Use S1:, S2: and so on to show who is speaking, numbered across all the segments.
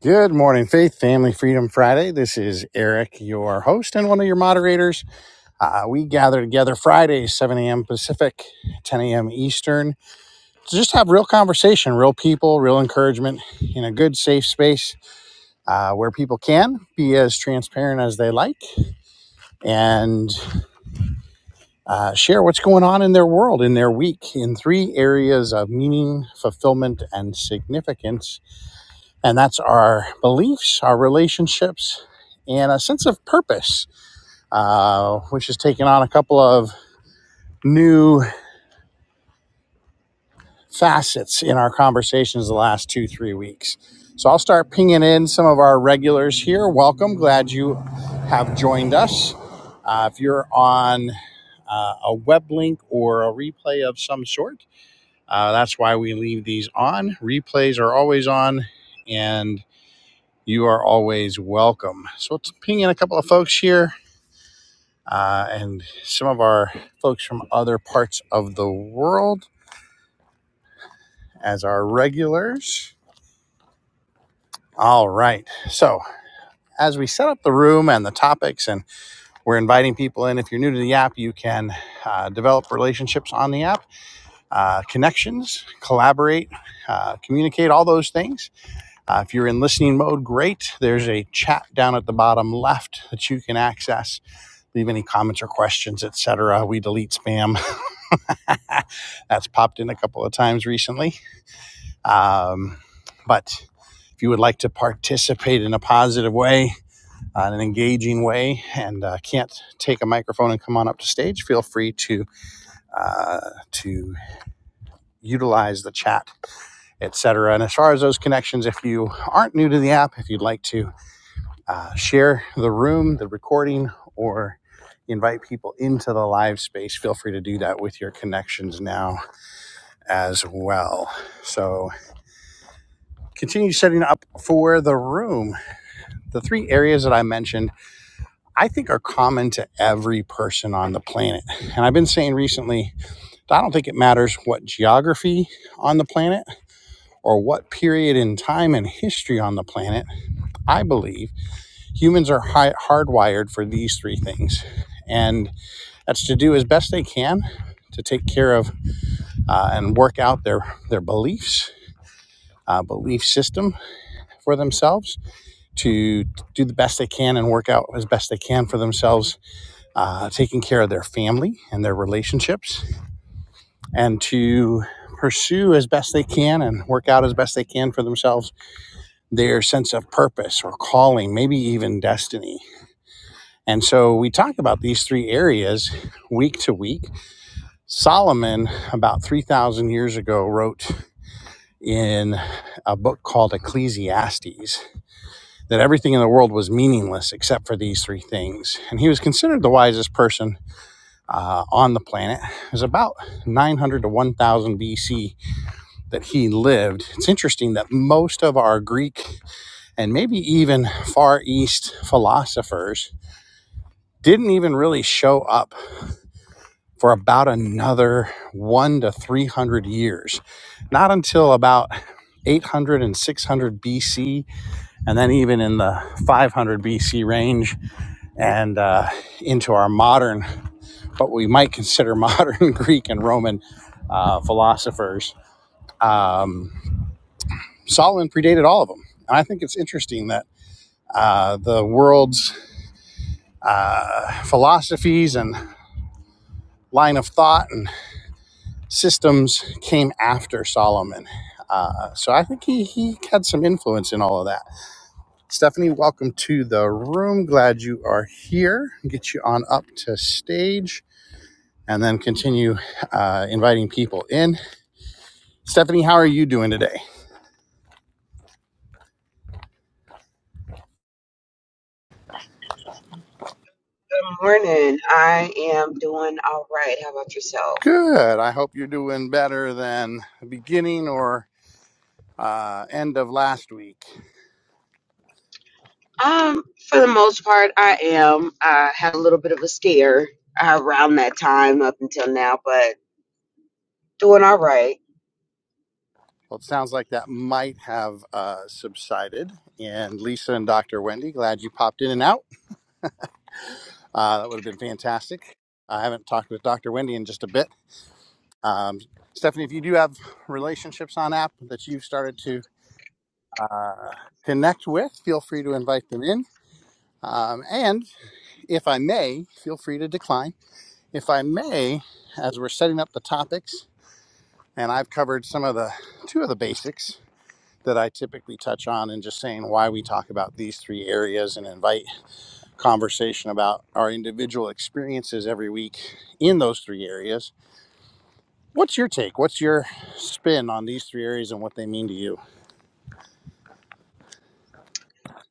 S1: Good morning, Faith Family Freedom Friday. This is Eric, your host and one of your moderators. Uh, we gather together Fridays, 7 a.m. Pacific, 10 a.m. Eastern, to just have real conversation, real people, real encouragement in a good, safe space uh, where people can be as transparent as they like and uh, share what's going on in their world, in their week, in three areas of meaning, fulfillment, and significance and that's our beliefs, our relationships, and a sense of purpose, uh, which has taken on a couple of new facets in our conversations the last two, three weeks. So I'll start pinging in some of our regulars here. Welcome. Glad you have joined us. Uh, if you're on uh, a web link or a replay of some sort, uh, that's why we leave these on. Replays are always on, and. you are always welcome. So let's ping in a couple of folks here uh, and some of our folks from other parts of the world as our regulars. All right. So as we set up the room and the topics, and we're inviting people in. If you're new to the app, you can uh, develop relationships on the app, uh, connections, collaborate, uh, communicate, all those things. Uh, if you're in listening mode, great. There's a chat down at the bottom left that you can access leave any comments or questions, etc. We delete spam. That's popped in a couple of times recently. Um, but if you would like to participate in a positive way, uh, in an engaging way, and uh, can't take a microphone and come on up to stage, feel free to uh, to utilize the chat, etc. And as far as those connections, if you aren't new to the app, if you'd like to uh, share the room, the recording, or invite people into the live space, feel free to do that with your connections now as well. So continue setting up for the room. The three areas that I mentioned, I think are common to every person on the planet. And I've been saying recently, I don't think it matters what geography on the planet or what period in time and history on the planet. I believe humans are hardwired for these three things. And That's to do as best they can to take care of uh, and work out their their beliefs, uh, belief system for themselves. To do the best they can and work out as best they can for themselves, uh, taking care of their family and their relationships, and to pursue as best they can and work out as best they can for themselves their sense of purpose or calling, maybe even destiny. And so we talk about these three areas week to week Solomon, about 3,000 years ago, wrote in a book called Ecclesiastes that everything in the world was meaningless except for these three things. And he was considered the wisest person uh, on the planet. It was about 900 to 1,000 BC that he lived. It's interesting that most of our Greek and maybe even Far East philosophers didn't even really show up for about another one to 300 years. Not until about 800 and 600 BC, and then even in the 500 BC range and uh, into our modern, what we might consider modern Greek and Roman uh, philosophers. Um, Solomon predated all of them. And I think it's interesting that uh, the world's uh, philosophies and line of thought and systems came after Solomon. Uh, so I think he, he had some influence in all of that. Stephanie, welcome to the room. Glad you are here. Get you on up to stage and then continue uh, inviting people in. Stephanie, how are you doing today?
S2: Morning. I am doing all right. How about yourself?
S1: Good. I hope you're doing better than the beginning or uh, end of last week.
S2: Um, for the most part, I am. I had a little bit of a scare uh, around that time up until now, but doing all right.
S1: Well, it sounds like that might have uh, subsided. And Lisa and Dr. Wendy, glad you popped in and out. Uh, that would have been fantastic. I haven't talked with Dr. Wendy in just a bit. Um, Stephanie, if you do have relationships on app that you've started to uh, connect with, feel free to invite them in. Um, and if I may, feel free to decline. If I may, as we're setting up the topics, and I've covered some of the two of the basics that I typically touch on, and just saying why we talk about these three areas and invite conversation about our individual experiences every week in those three areas What's your take? What's your spin on these three areas and what they mean to you?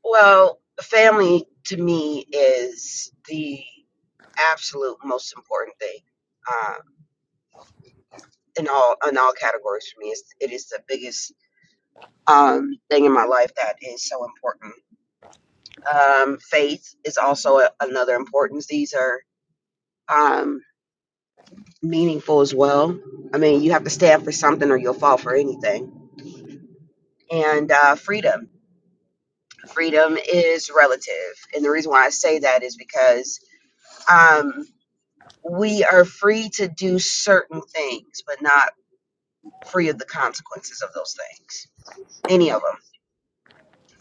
S2: Well, family to me is the absolute most important thing. Uh, in all in all categories for me. It's, it is the biggest um, thing in my life that is so important. Um, faith is also a, another importance. These are um, meaningful as well. I mean, you have to stand for something or you'll fall for anything. And uh, freedom. Freedom is relative. And the reason why I say that is because um, we are free to do certain things, but not free of the consequences of those things, any of them.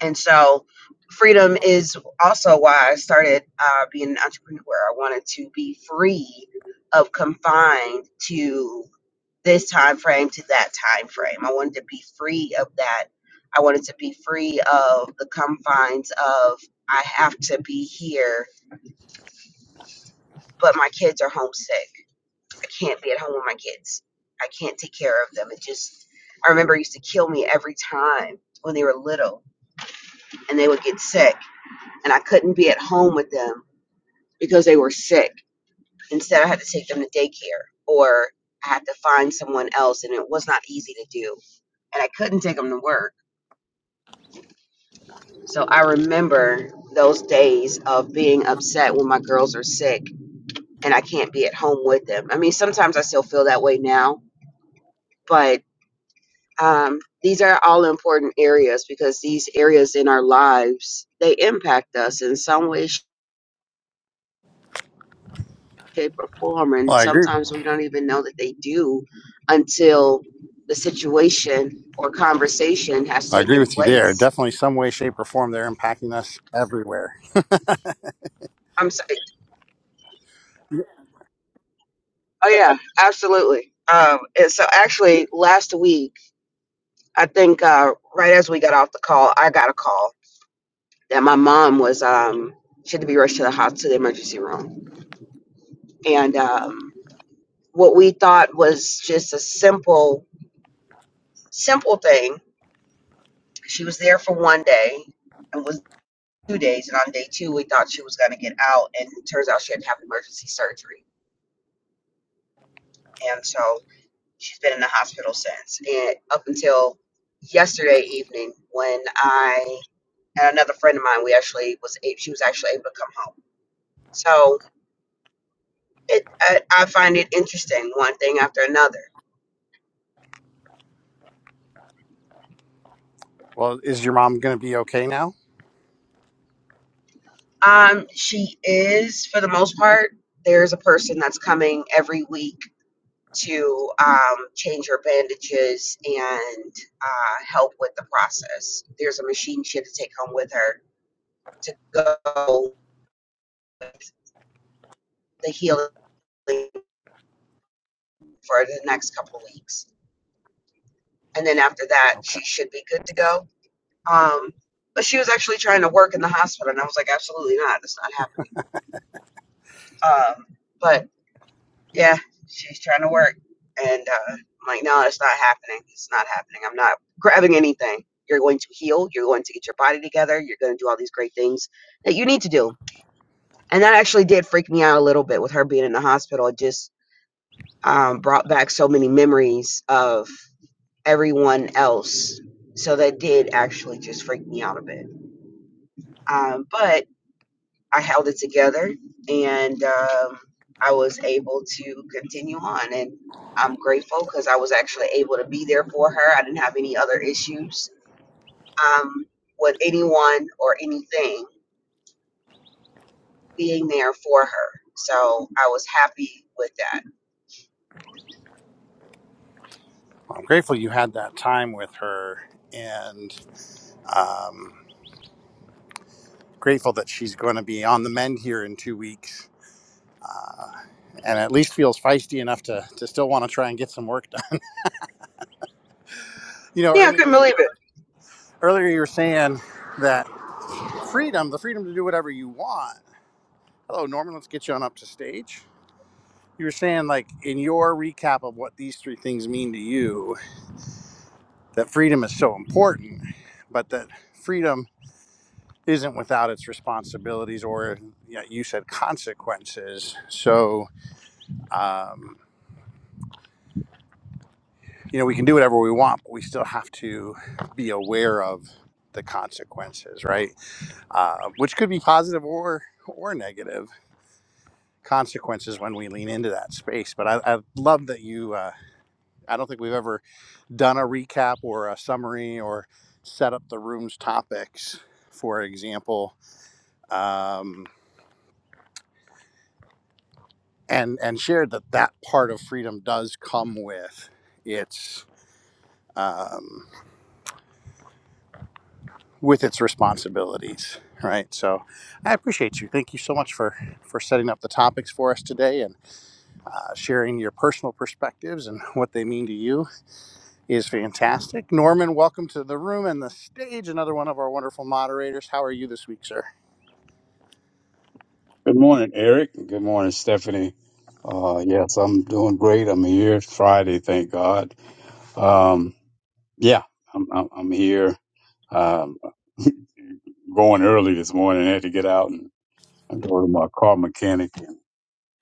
S2: And so, freedom is also why I started uh, being an entrepreneur. I wanted to be free of confined to this time frame to that time frame. I wanted to be free of that. I wanted to be free of the confines of I have to be here, but my kids are homesick. I can't be at home with my kids. I can't take care of them. It just I remember it used to kill me every time when they were little and they would get sick and I couldn't be at home with them because they were sick. Instead I had to take them to daycare or I had to find someone else and it was not easy to do and I couldn't take them to work So I remember those days of being upset when my girls are sick and I can't be at home with them. I mean, sometimes I still feel that way now, but um, these are all important areas because these areas in our lives they impact us in some way, shape, or form,
S1: Well,
S2: and
S1: I agree.
S2: sometimes we don't even know that they do until the situation or conversation has
S1: I agree
S2: taken
S1: with you there.
S2: place.
S1: Definitely, some way, shape, or form, they're impacting us everywhere.
S2: I'm sorry. Oh yeah, absolutely. Um, and so actually, last week. I think uh, right as we got off the call, I got a call that my mom was um, she had to be rushed to the hospital to the emergency room, and um, what we thought was just a simple, simple thing. She was there for one day and was two days, and on day two we thought she was going to get out, and it turns out she had to have emergency surgery, and so she's been in the hospital since, and up until yesterday evening when I and another friend of mine, we actually was a- she was actually able to come home So it, I, I find it interesting, one thing after another.
S1: Well, is your mom going to be okay now?
S2: Um, she is, for the most part, there's a person that's coming every week to um, change her bandages and uh, help with the process. There's a machine she had to take home with her to go with the healing for the next couple of weeks. And then after that,
S1: Okay.
S2: she should be good to go. Um, but she was actually trying to work in the hospital, and I was like, absolutely not. That's not happening Um, but yeah, she's trying to work. And uh, I'm like, no, it's not happening. It's not happening. I'm not grabbing anything. You're going to heal. You're going to get your body together. You're going to do all these great things that you need to do. And that actually did freak me out a little bit with her being in the hospital. It just um, brought back so many memories of everyone else. So that did actually just freak me out a bit. Um, but I held it together and um, I was able to continue on. And I'm grateful because I was actually able to be there for her. I didn't have any other issues um, with anyone or anything being there for her. So I was happy with that.
S1: Well, I'm grateful you had that time with her, and um, grateful that she's going to be on the mend here in two weeks, and at least feels feisty enough to to still want to try and get some work done. You know,
S2: Yeah, I couldn't
S1: earlier
S2: believe it.
S1: earlier you were saying that freedom, the freedom to do whatever you want. Hello, Norman. Let's get you on up to stage. you were saying like in your recap of what these three things mean to you that freedom is so important but that freedom isn't without its responsibilities or yeah, you said consequences so um, you know we can do whatever we want but we still have to be aware of the consequences right uh, which could be positive or or negative consequences when we lean into that space but i, I love that you uh, i don't think we've ever done a recap or a summary or set up the room's topics, for example, um, and and shared that that part of freedom does come with its um, with its responsibilities, right? So I appreciate you. Thank you so much for for setting up the topics for us today and uh, sharing your personal perspectives and what they mean to you is fantastic. Norman, welcome to the room and the stage. Another one of our wonderful moderators. How are you this week, sir?
S3: Good morning, Eric. Good morning, Stephanie. Uh, yes, I'm doing great. I'm here. It's Friday, thank God. Um, yeah, I'm, I'm, I'm here. Um, going early this morning. I had to get out and go to my car mechanic and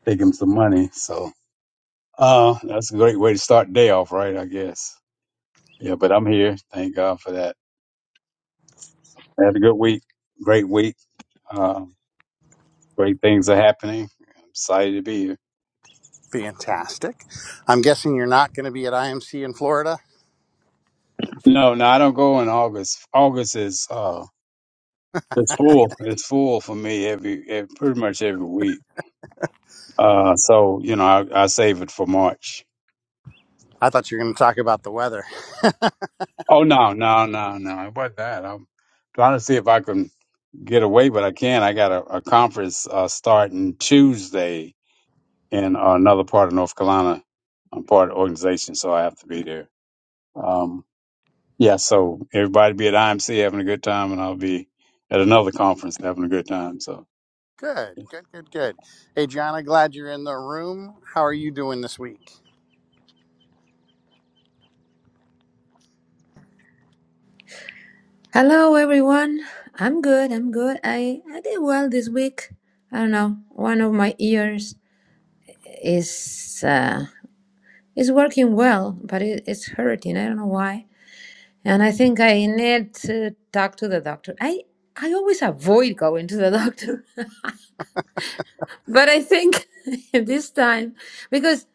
S3: take him some money. So uh, that's a great way to start the day off, right? I guess. Yeah, but I'm here. Thank God for that. I had a good week. Great week. Uh, great things are happening. I'm excited to be here.
S1: Fantastic. I'm guessing you're not going to be at IMC in Florida.
S3: No, no, I don't go in August. August is. uh, It's full. It's full for me every, ev pretty much every week. Uh, so you know, I, I save it for March.
S1: I thought you were going to talk about the weather.
S3: Oh no, no, no, no! It wasn't that. I'm trying to see if I can get away, but I can't. I got a, a conference uh, starting Tuesday in uh, another part of North Carolina. I'm part of the organization, so I have to be there. Um, yeah, so everybody be at IMC having a good time, and I'll be at another conference having a good time. So.
S1: Good, good, good, good. Hey, Gianna, glad you're in the room. How are you doing this week?
S4: Hello, everyone. I'm good. I'm good. I, I did well this week. I don't know. One of my ears is uh, is working well, but it, it's hurting. I don't know why. And I think I need to talk to the doctor. I I always avoid going to the doctor, but I think this time because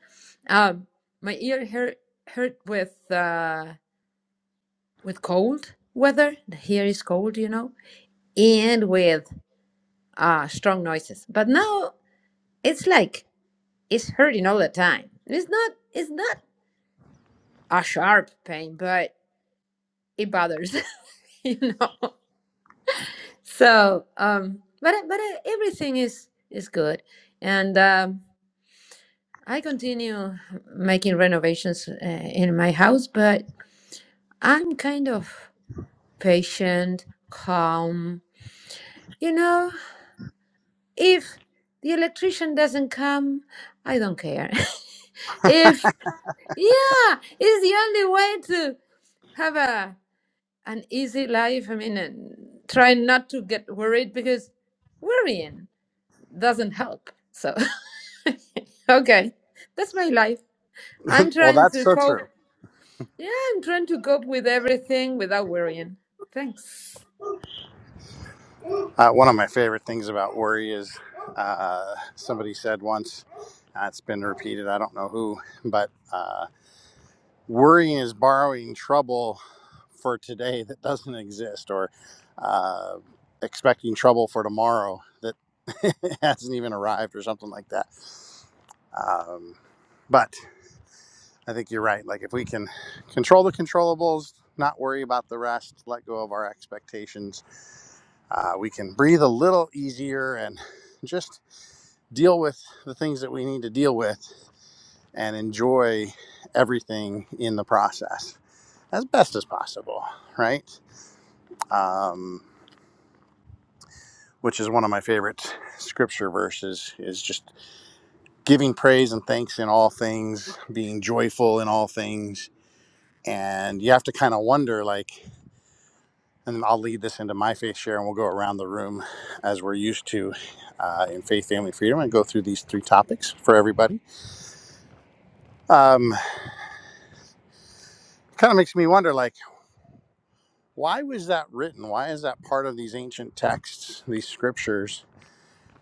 S4: um, my ear hurt hurt with uh, with cold weather. The here is cold, you know, and with uh, strong noises. But now it's like it's hurting all the time. It's not it's not a sharp pain, but it bothers, you know. So, um, but but uh, everything is is good, and um, I continue making renovations uh, in my house, but I'm kind of patient, calm. You know, if the electrician doesn't come, I don't care. if yeah, it's the only way to have a an easy life. I mean, and try not to get worried because worrying doesn't help. So, okay, that's my life. I'm
S1: Well,
S4: trying
S1: that's
S4: to
S1: so
S4: cope.
S1: true.
S4: Yeah, I'm trying to cope with everything without worrying. Thanks.
S1: Uh, one of my favorite things about worry is uh, somebody said once, uh, it's been repeated, I don't know who, but. uh, worrying is borrowing trouble for today that doesn't exist or uh, expecting trouble for tomorrow that hasn't even arrived or something like that um, but i think you're right like if we can control the controllables not worry about the rest let go of our expectations uh, we can breathe a little easier and just deal with the things that we need to deal with and enjoy everything in the process as best as possible, right? Um, which is one of my favorite scripture verses is just giving praise and thanks in all things, being joyful in all things. And you have to kind of wonder, like, and I'll lead this into my faith share and we'll go around the room as we're used to uh, in faith, family, freedom and go through these three topics for everybody. Um, kind of makes me wonder, like, why was that written? Why is that part of these ancient texts, these scriptures?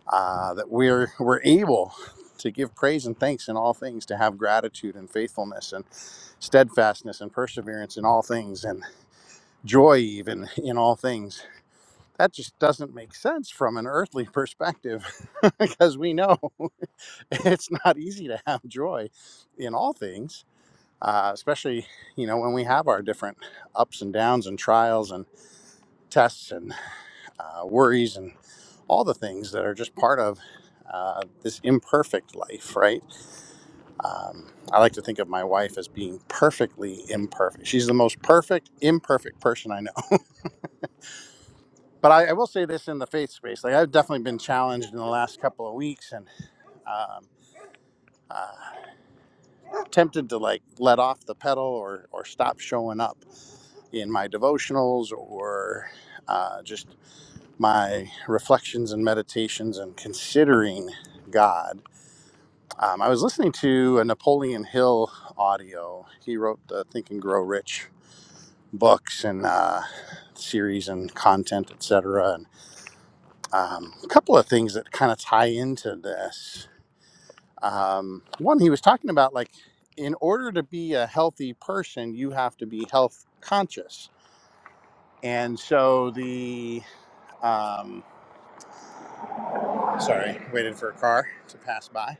S1: uh, that we're we're able to give praise and thanks in all things, to have gratitude and faithfulness and steadfastness and perseverance in all things, and joy even in all things. That just doesn't make sense from an earthly perspective, because we know it's not easy to have joy in all things, uh, especially you know when we have our different ups and downs and trials and tests and uh, worries and all the things that are just part of uh, this imperfect life, right? Um, I like to think of my wife as being perfectly imperfect. She's the most perfect, imperfect person I know. But I, I will say this in the faith space: like I've definitely been challenged in the last couple of weeks, and um, uh, tempted to like let off the pedal or or stop showing up in my devotionals or uh, just my reflections and meditations and considering God. Um, I was listening to a Napoleon Hill audio. He wrote the Think and Grow Rich books and uh, series and content, etc. And um, a couple of things that kind of tie into this. Um, one, he was talking about like, in order to be a healthy person, you have to be health conscious. And so the, um, sorry, waited for a car to pass by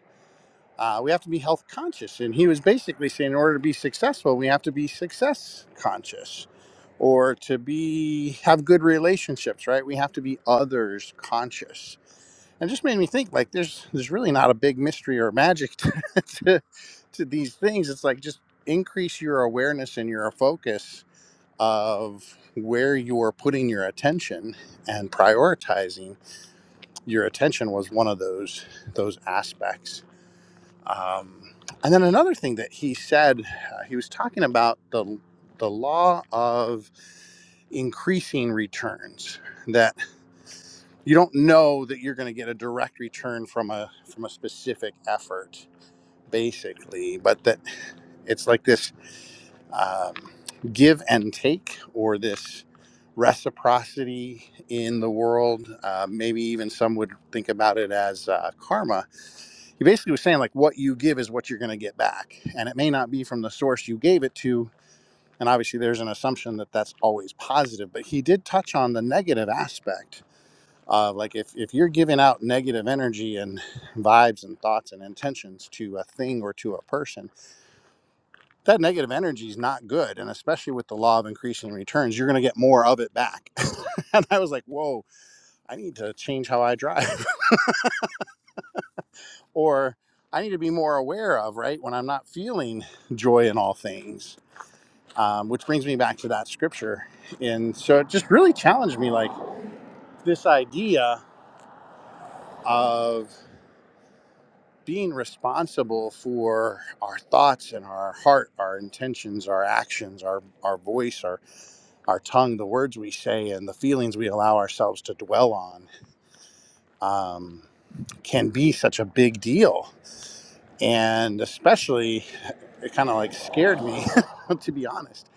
S1: uh, we have to be health conscious. And he was basically saying, in order to be successful, we have to be success conscious, or to be have good relationships, right? We have to be others conscious. And it just made me think, like, there's there's really not a big mystery or magic to, to, to these things. It's like just increase your awareness and your focus of where you're putting your attention and prioritizing your attention was one of those those aspects um, and then another thing that he said, uh, he was talking about the the law of increasing returns. That you don't know that you're going to get a direct return from a from a specific effort, basically, but that it's like this um, give and take or this reciprocity in the world. Uh, maybe even some would think about it as uh, karma. He basically was saying, like, what you give is what you're going to get back. And it may not be from the source you gave it to. And obviously, there's an assumption that that's always positive, but he did touch on the negative aspect of like if, if you're giving out negative energy and vibes and thoughts and intentions to a thing or to a person, that negative energy is not good and especially with the law of increasing returns you're going to get more of it back and i was like whoa i need to change how i drive or i need to be more aware of right when i'm not feeling joy in all things um, which brings me back to that scripture and so it just really challenged me like this idea of being responsible for our thoughts and our heart our intentions our actions our our voice our our tongue, the words we say, and the feelings we allow ourselves to dwell on um, can be such a big deal. And especially, it kind of like scared me, to be honest.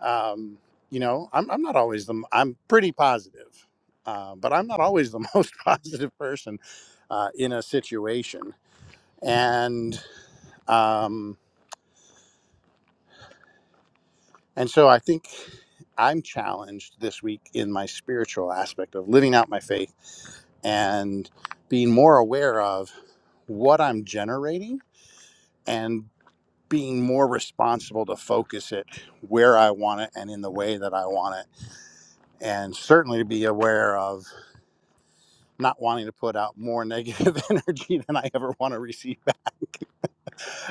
S1: Um, you know, I'm, I'm not always the, m- I'm pretty positive, uh, but I'm not always the most positive person uh, in a situation. And, um, and so I think I'm challenged this week in my spiritual aspect of living out my faith and being more aware of what I'm generating and being more responsible to focus it where I want it and in the way that I want it. And certainly to be aware of not wanting to put out more negative energy than I ever want to receive back.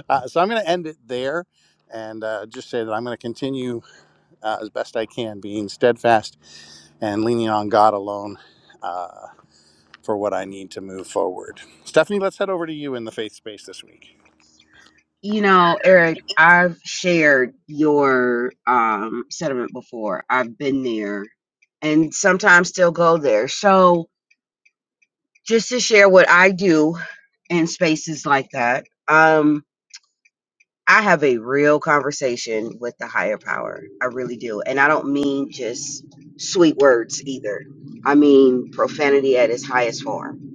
S1: Uh, so I'm going to end it there and uh, just say that I'm going to continue uh, as best I can being steadfast and leaning on God alone. uh, for what I need to move forward. Stephanie, let's head over to you in the faith space this week.
S2: You know, Eric, I've shared your um, sentiment before. I've been there and sometimes still go there. So just to share what I do in spaces like that. Um, I have a real conversation with the higher power. I really do. And I don't mean just sweet words either. I mean profanity at its highest form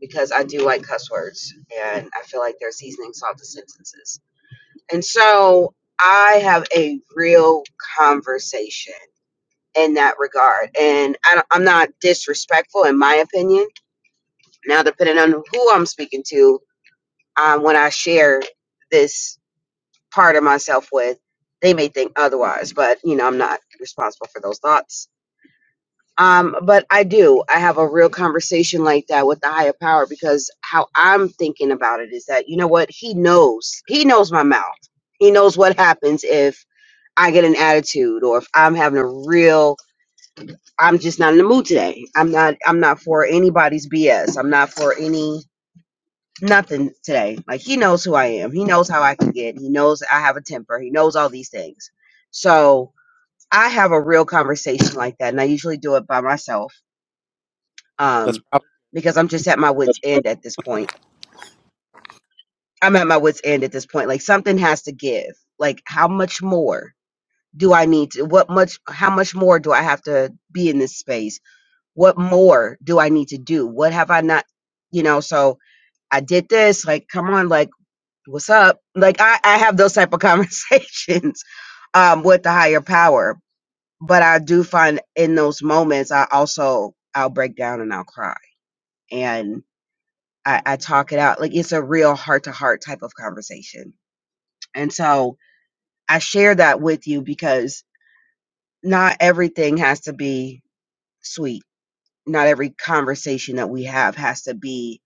S2: because I do like cuss words and I feel like they're seasoning salt to sentences. And so I have a real conversation in that regard. And I, don't- I'm not disrespectful, in my opinion. Now, depending on who I'm speaking to, um, when I share this part of myself with, they may think otherwise, but you know, I'm not responsible for those thoughts. Um, but I do. I have a real conversation like that with the higher power because how I'm thinking about it is that, you know what? He knows. He knows my mouth. He knows what happens if I get an attitude or if I'm having a real I'm just not in the mood today. I'm not I'm not for anybody's BS. I'm not for any nothing today. Like he knows who I am. He knows how I can get. He knows I have a temper. He knows all these things. So I have a real conversation like that, and I usually do it by myself
S1: That's
S2: um,
S1: probably
S2: because I'm just at my wits' end at this point. I'm at my wits' end at this point. Like something has to give. Like how much more do I need to? What much? How much more do I have to be in this space? What more do I need to do? What have I not? You know. So I did this. Like, come on. Like. what's up? Like I, I have those type of conversations um, with the higher power. But I do find in those moments, I also I'll break down and I'll cry, and I, I talk it out. Like it's a real heart to heart type of conversation, and so I share that with you because not everything has to be sweet. Not every conversation that we have has to be.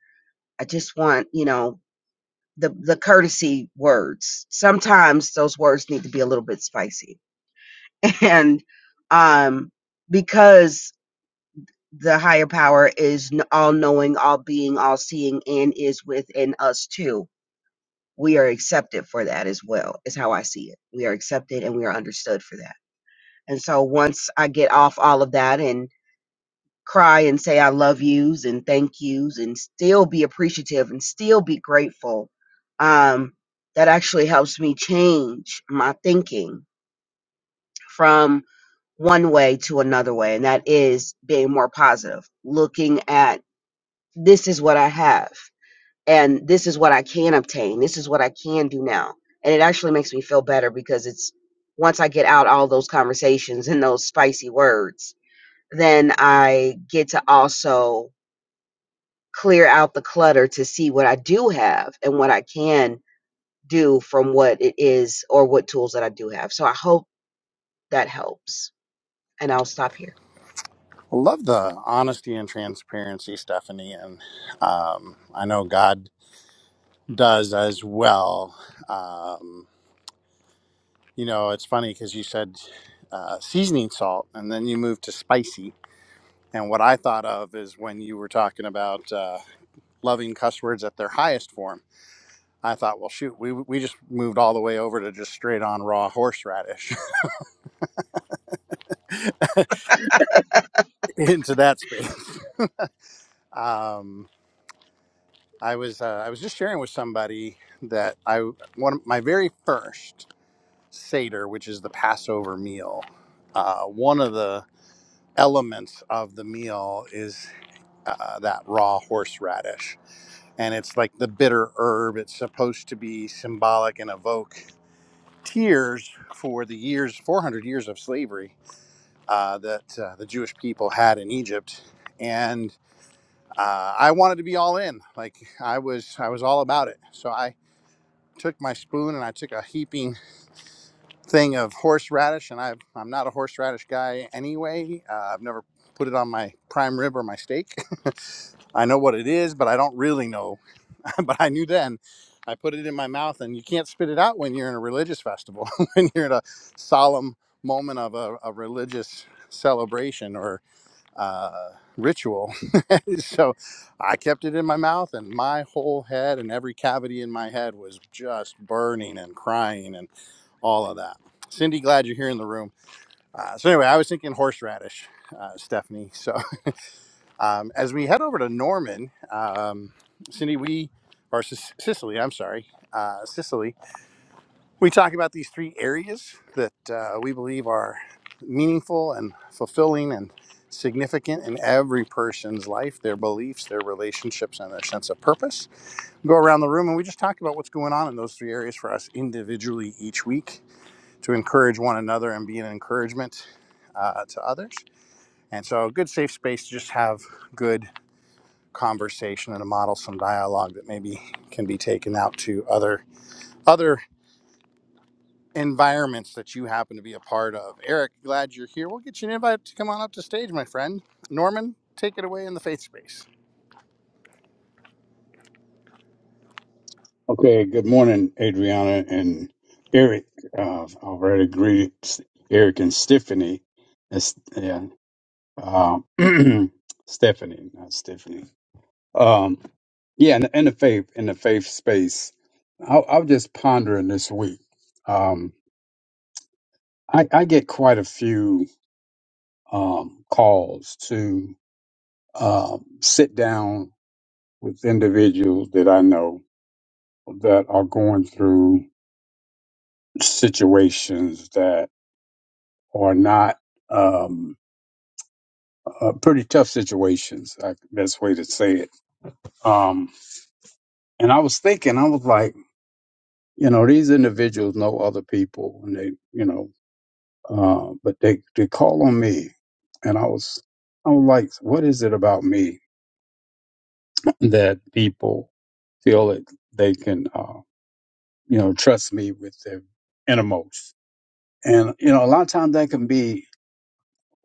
S2: I just want you know the the courtesy words. Sometimes those words need to be a little bit spicy and um because the higher power is n- all knowing all being all seeing and is within us too we are accepted for that as well is how i see it we are accepted and we are understood for that and so once i get off all of that and cry and say i love yous and thank yous and still be appreciative and still be grateful um that actually helps me change my thinking from. one way to another way, and that is being more positive, looking at this is what I have, and this is what I can obtain, this is what I can do now. And it actually makes me feel better because it's once I get out all those conversations and those spicy words, then I get to also clear out the clutter to see what I do have and what I can do from what it is or what tools that I do have. So I hope that helps. And I'll stop here.
S1: I love the honesty and transparency, Stephanie, and um, I know God does as well. Um, you know, it's funny because you said uh, seasoning salt, and then you moved to spicy. And what I thought of is when you were talking about uh, loving cuss words at their highest form. I thought, well, shoot, we, we just moved all the way over to just straight on raw horseradish into that space. Um, I was uh, I was just sharing with somebody that I one of my very first seder, which is the Passover meal. Uh, one of the elements of the meal is uh, that raw horseradish, and it's like the bitter herb. It's supposed to be symbolic and evoke tears for the years 400 years of slavery uh, that uh, the Jewish people had in Egypt, and uh, I wanted to be all in. Like I was I was all about it. So I took my spoon and I took a heaping thing of horseradish, and I, I'm not a horseradish guy anyway. Uh, I've never put it on my prime rib or my steak. I know what it is, but I don't really know. but I knew then. I put it in my mouth, and you can't spit it out when you're in a religious festival, when you're in a solemn moment of a, a religious celebration or uh, ritual. so I kept it in my mouth, and my whole head and every cavity in my head was just burning and crying and all of that. Cindy, glad you're here in the room. Uh, so, anyway, I was thinking horseradish, uh, Stephanie. So, um, as we head over to Norman, um, Cindy, we, or Sic- Sicily, I'm sorry, uh, Sicily. We talk about these three areas that uh, we believe are meaningful and fulfilling and significant in every person's life their beliefs, their relationships, and their sense of purpose. We go around the room and we just talk about what's going on in those three areas for us individually each week to encourage one another and be an encouragement uh, to others. And so, a good safe space to just have good conversation and to model some dialogue that maybe can be taken out to other other environments that you happen to be a part of. Eric, glad you're here. We'll get you an invite to come on up to stage, my friend. Norman, take it away in the faith space.
S3: Okay, good morning, Adriana and Eric. Uh, I've already greeted S- Eric and Stephanie. That's, yeah, um, Stephanie, not Stephanie. Um, yeah, in, in the faith, in the faith space, I, I was just pondering this week. Um, I, I get quite a few um, calls to um, sit down with individuals that I know that are going through situations that are not um, uh, pretty tough situations. I, best way to say it. Um, and I was thinking, I was like, you know, these individuals know other people, and they, you know, uh, but they they call on me, and I was, I was like, what is it about me that people feel that they can, uh, you know, trust me with their innermost? And you know, a lot of times that can be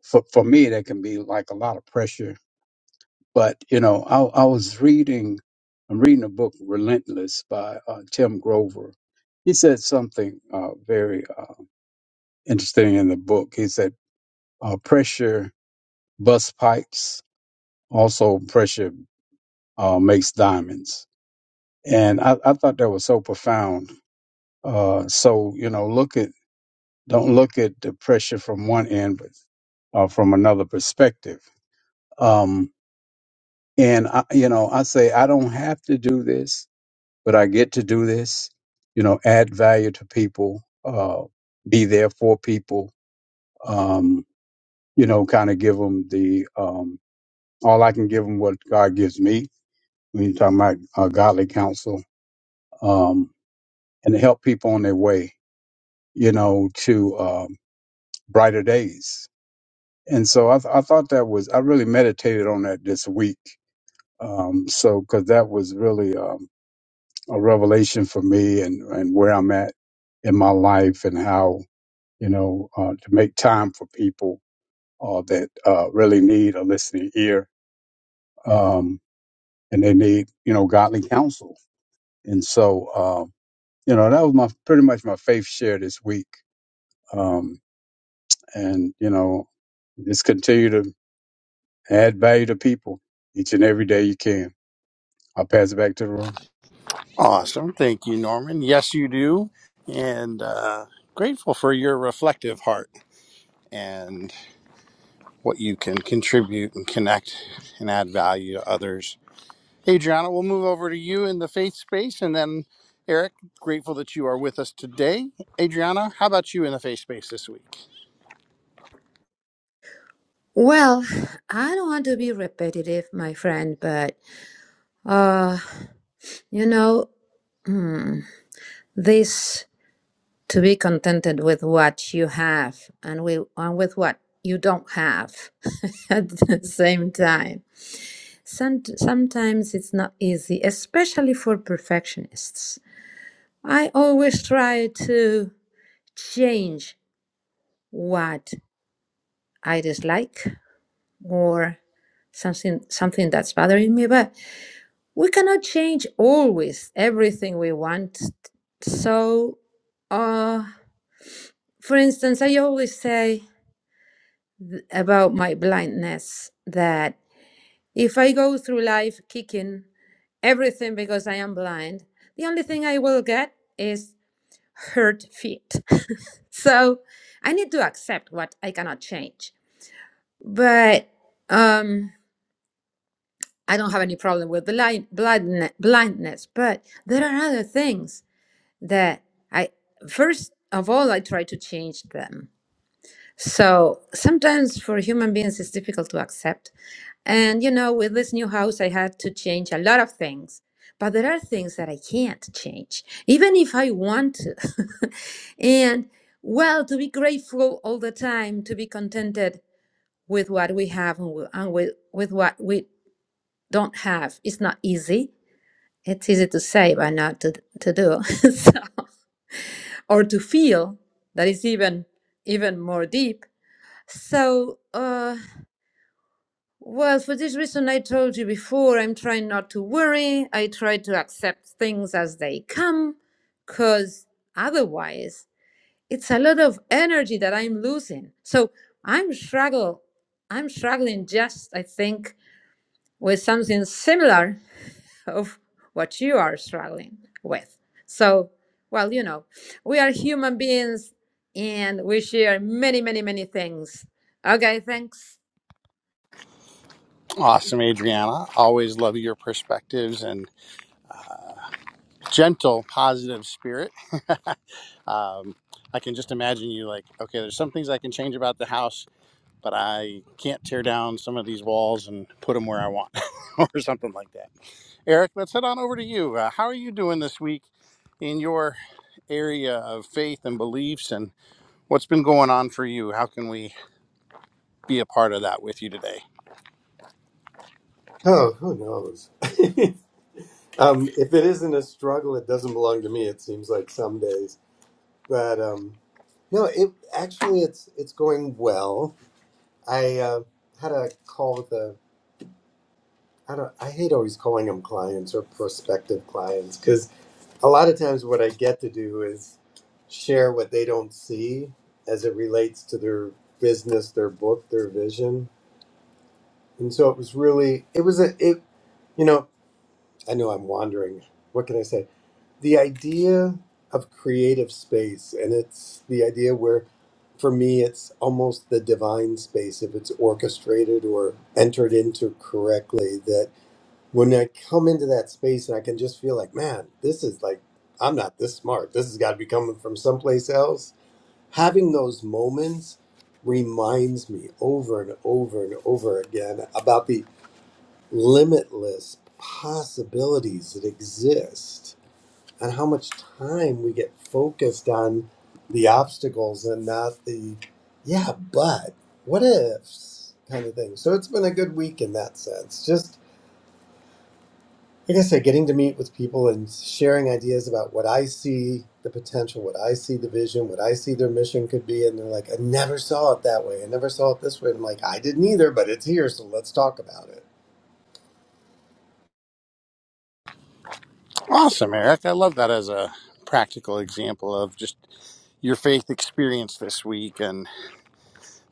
S3: for for me that can be like a lot of pressure. But you know, I I was reading I'm reading a book Relentless by uh, Tim Grover. He said something uh, very uh, interesting in the book. He said uh, pressure busts pipes, also pressure uh, makes diamonds. And I, I thought that was so profound. Uh, so you know, look at don't look at the pressure from one end, but uh, from another perspective. Um, And I, you know, I say I don't have to do this, but I get to do this. You know, add value to people, uh, be there for people. Um, you know, kind of give them the um, all I can give them what God gives me. When you're talking about uh, godly counsel, um, and help people on their way. You know, to um, brighter days. And so I, th- I thought that was I really meditated on that this week. Um, so because that was really Um, a revelation for me and, and where I'm at in my life and how, you know, uh, to make time for people uh, that uh, really need a listening ear um, and they need, you know, godly counsel. And so, um, you know, that was my pretty much my faith share this week. Um, and, you know, just continue to add value to people each and every day you can. I'll pass it back to the room.
S1: Awesome. Thank you, Norman. Yes, you do. And uh, grateful for your reflective heart and what you can contribute and connect and add value to others. Adriana, we'll move over to you in the faith space and then Eric, grateful that you are with us today. Adriana, how about you in the faith space this week?
S4: Well, I don't want to be repetitive, my friend, but uh, you know, hmm, this to be contented with what you have and with, and with what you don't have at the same time Some, sometimes it's not easy, especially for perfectionists. I always try to change what I dislike or something something that's bothering me, but we cannot change always everything we want. So, uh, for instance, I always say th- about my blindness that If I go through life kicking everything because I am blind, the only thing I will get is hurt feet. so I need to accept what I cannot change. But um, I don't have any problem with blind, blindne- blindness. But there are other things that I, first of all, I try to change them So sometimes for human beings, it's difficult to accept. And, you know, with this new house, I had to change a lot of things. But there are things that I can't change, even if I want to. and, well, to be grateful all the time, to be contented with what we have and wi- and with, with what we don't have, it's not easy. It's easy to say, but not to, to do. so, or to feel that is even even more deep. So, uh, Well, for this reason, I told you before, I'm trying not to worry. I try to accept things as they come, because otherwise, it's a lot of energy that I'm losing. So I'm struggle. I'm struggling just, I think, with something similar of what you are struggling with. So, well, you know, we are human beings and we share many, many, many things. Okay, thanks.
S1: Awesome, Adriana. Always love your perspectives and gentle, positive spirit. um, I can just imagine you like, okay, there's some things I can change about the house, but I can't tear down some of these walls and put them where I want, or something like that. Eric, let's head on over to you. Uh, how are you doing this week in your area of faith and beliefs, and what's been going on for you? How can we be a part of that with you today?
S5: Oh, who knows? um, if it isn't a struggle, it doesn't belong to me. It seems like some days, but um, no, it actually it's it's going well. I uh, had a call with a I don't I hate always calling them clients or prospective clients because a lot of times what I get to do is share what they don't see as it relates to their business, their book, their vision, and so it was really it was a it you know I know I'm wandering. What can I say? the idea of creative space and it's the idea where for me it's almost the divine space if it's orchestrated or entered into correctly that when i come into that space and i can just feel like man this is like i'm not this smart this has got to be coming from someplace else having those moments reminds me over and over and over again about the limitless possibilities that exist and how much time we get focused on the obstacles and not the yeah but what ifs kind of thing so it's been a good week in that sense just like i said getting to meet with people and sharing ideas about what i see the potential what i see the vision what i see their mission could be and they're like i never saw it that way i never saw it this way and i'm like i didn't either but it's here so let's talk about it
S1: Awesome, Eric. I love that as a practical example of just your faith experience this week and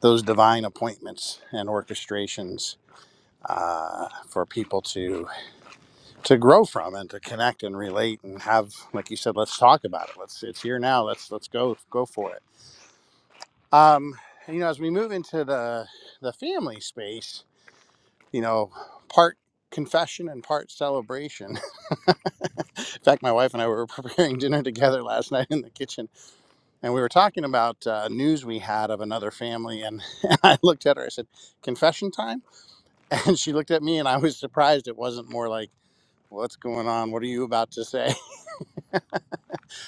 S1: those divine appointments and orchestrations uh, for people to to grow from and to connect and relate and have, like you said, let's talk about it. Let's it's here now. Let's let's go go for it. Um, you know, as we move into the the family space, you know, part confession and part celebration. in fact, my wife and I were preparing dinner together last night in the kitchen and we were talking about uh, news we had of another family and and i looked at her i said confession time and she looked at me and i was surprised it wasn't more like what's going on what are you about to say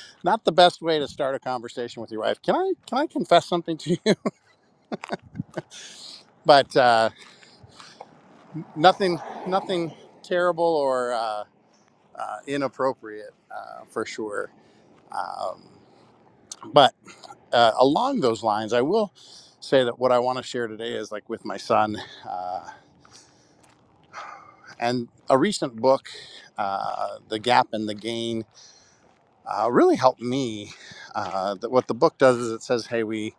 S1: not the best way to start a conversation with your wife can i can i confess something to you but uh, nothing nothing terrible or uh, uh, inappropriate uh, for sure um, but uh, along those lines i will say that what i want to share today is like with my son Uh, And a recent book, uh, The Gap and the Gain, uh, really helped me. Uh, that what the book does is it says, hey, we,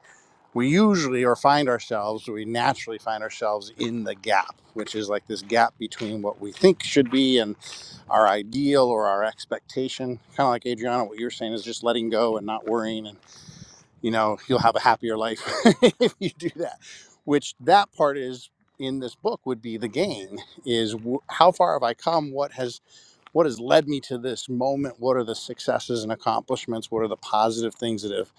S1: we usually or find ourselves, we naturally find ourselves in the gap, which is like this gap between what we think should be and our ideal or our expectation. Kind of like Adriana, what you're saying is just letting go and not worrying. And, you know, you'll have a happier life if you do that, which that part is in this book would be the gain is w- how far have I come? What has what has led me to this moment what are the successes and accomplishments what are the positive things that have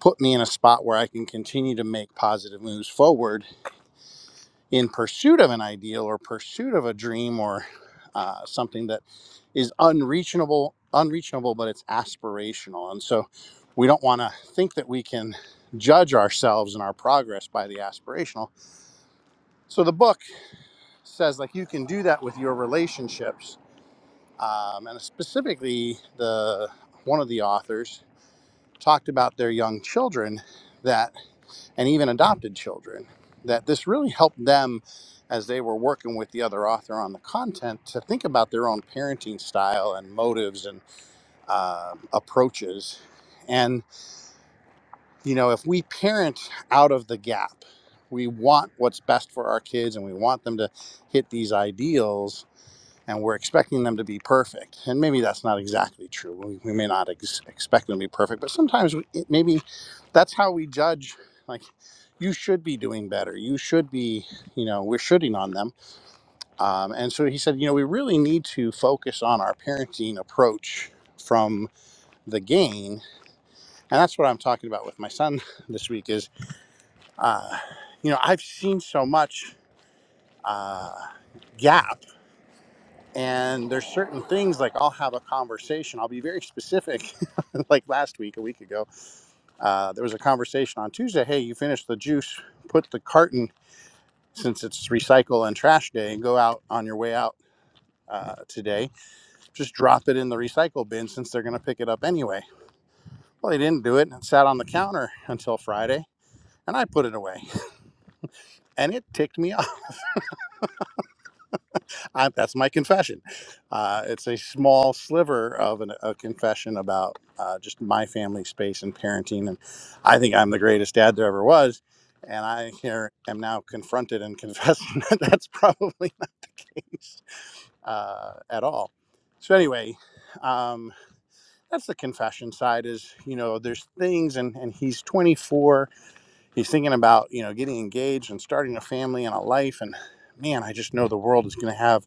S1: put me in a spot where i can continue to make positive moves forward in pursuit of an ideal or pursuit of a dream or uh, something that is unreachable unreachable but it's aspirational and so we don't want to think that we can judge ourselves and our progress by the aspirational so the book says like you can do that with your relationships um, and specifically the one of the authors talked about their young children that and even adopted children that this really helped them as they were working with the other author on the content to think about their own parenting style and motives and uh, approaches and you know if we parent out of the gap we want what's best for our kids and we want them to hit these ideals and we're expecting them to be perfect. And maybe that's not exactly true. We, we may not ex- expect them to be perfect, but sometimes we, it, maybe that's how we judge. Like, you should be doing better. You should be, you know, we're shooting on them. Um, and so he said, you know, we really need to focus on our parenting approach from the gain. And that's what I'm talking about with my son this week is, uh, you know, I've seen so much. Uh, gap And there's certain things like I'll have a conversation. I'll be very specific. like last week, a week ago, uh, there was a conversation on Tuesday. Hey, you finished the juice, put the carton since it's recycle and trash day, and go out on your way out uh, today. Just drop it in the recycle bin since they're going to pick it up anyway. Well, they didn't do it and it sat on the counter until Friday, and I put it away, and it ticked me off I, that's my confession. Uh, it's a small sliver of an, a confession about uh, just my family space and parenting. And I think I'm the greatest dad there ever was. And I here am now confronted and confessing that that's probably not the case uh, at all. So anyway, um, that's the confession side is, you know, there's things and, and he's 24. He's thinking about, you know, getting engaged and starting a family and a life. And man, I just know the world is going to have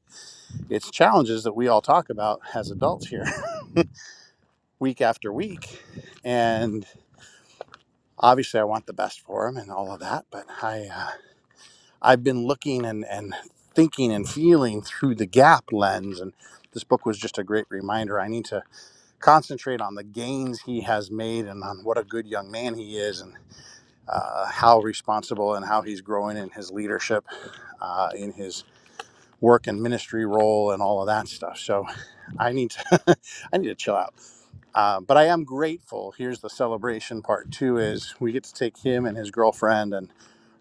S1: it's challenges that we all talk about as adults here week after week and obviously i want the best for them and all of that but i uh, i've been looking and and thinking and feeling through the gap lens and this book was just a great reminder i need to concentrate on the gains he has made and on what a good young man he is and uh, how responsible and how he's growing in his leadership uh, in his work and ministry role and all of that stuff so i need to i need to chill out Uh, but I am grateful. Here's the celebration part too: is we get to take him and his girlfriend and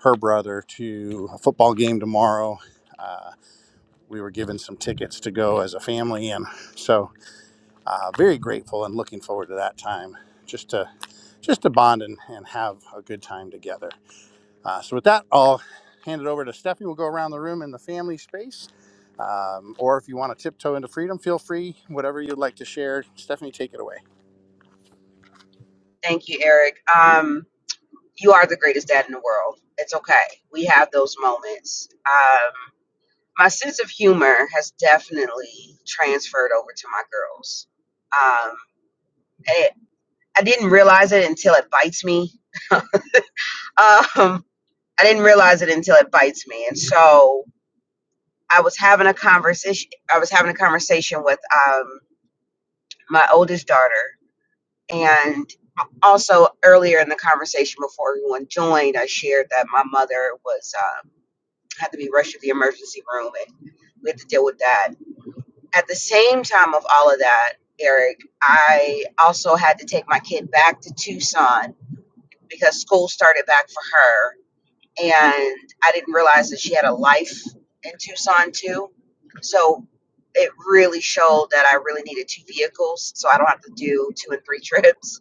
S1: her brother to a football game tomorrow. We were given some tickets to go as a family, and so uh, very grateful and looking forward to that time just to just to bond and, and have a good time together. Uh, so with that, I'll hand it over to Stephanie. We'll go around the room in the family space. Um, or if you want to tiptoe into freedom, feel free. Whatever you'd like to share, Stephanie, take it away.
S2: Thank you, Eric. Um, you are the greatest dad in the world. It's okay. We have those moments. Um, my sense of humor has definitely transferred over to my girls. Um, it, I didn't realize it until it bites me. Um, I didn't realize it until it bites me. And so I was having a conversation. I was having a conversation with um, my oldest daughter, and also earlier in the conversation before everyone joined, I shared that my mother was. um, had to be rushed to the emergency room and we had to deal with that. At the same time of all of that, Eric, I also had to take my kid back to Tucson because school started back for her. And I didn't realize that she had a life in Tucson too. So it really showed that I really needed two vehicles so I don't have to do two and three trips.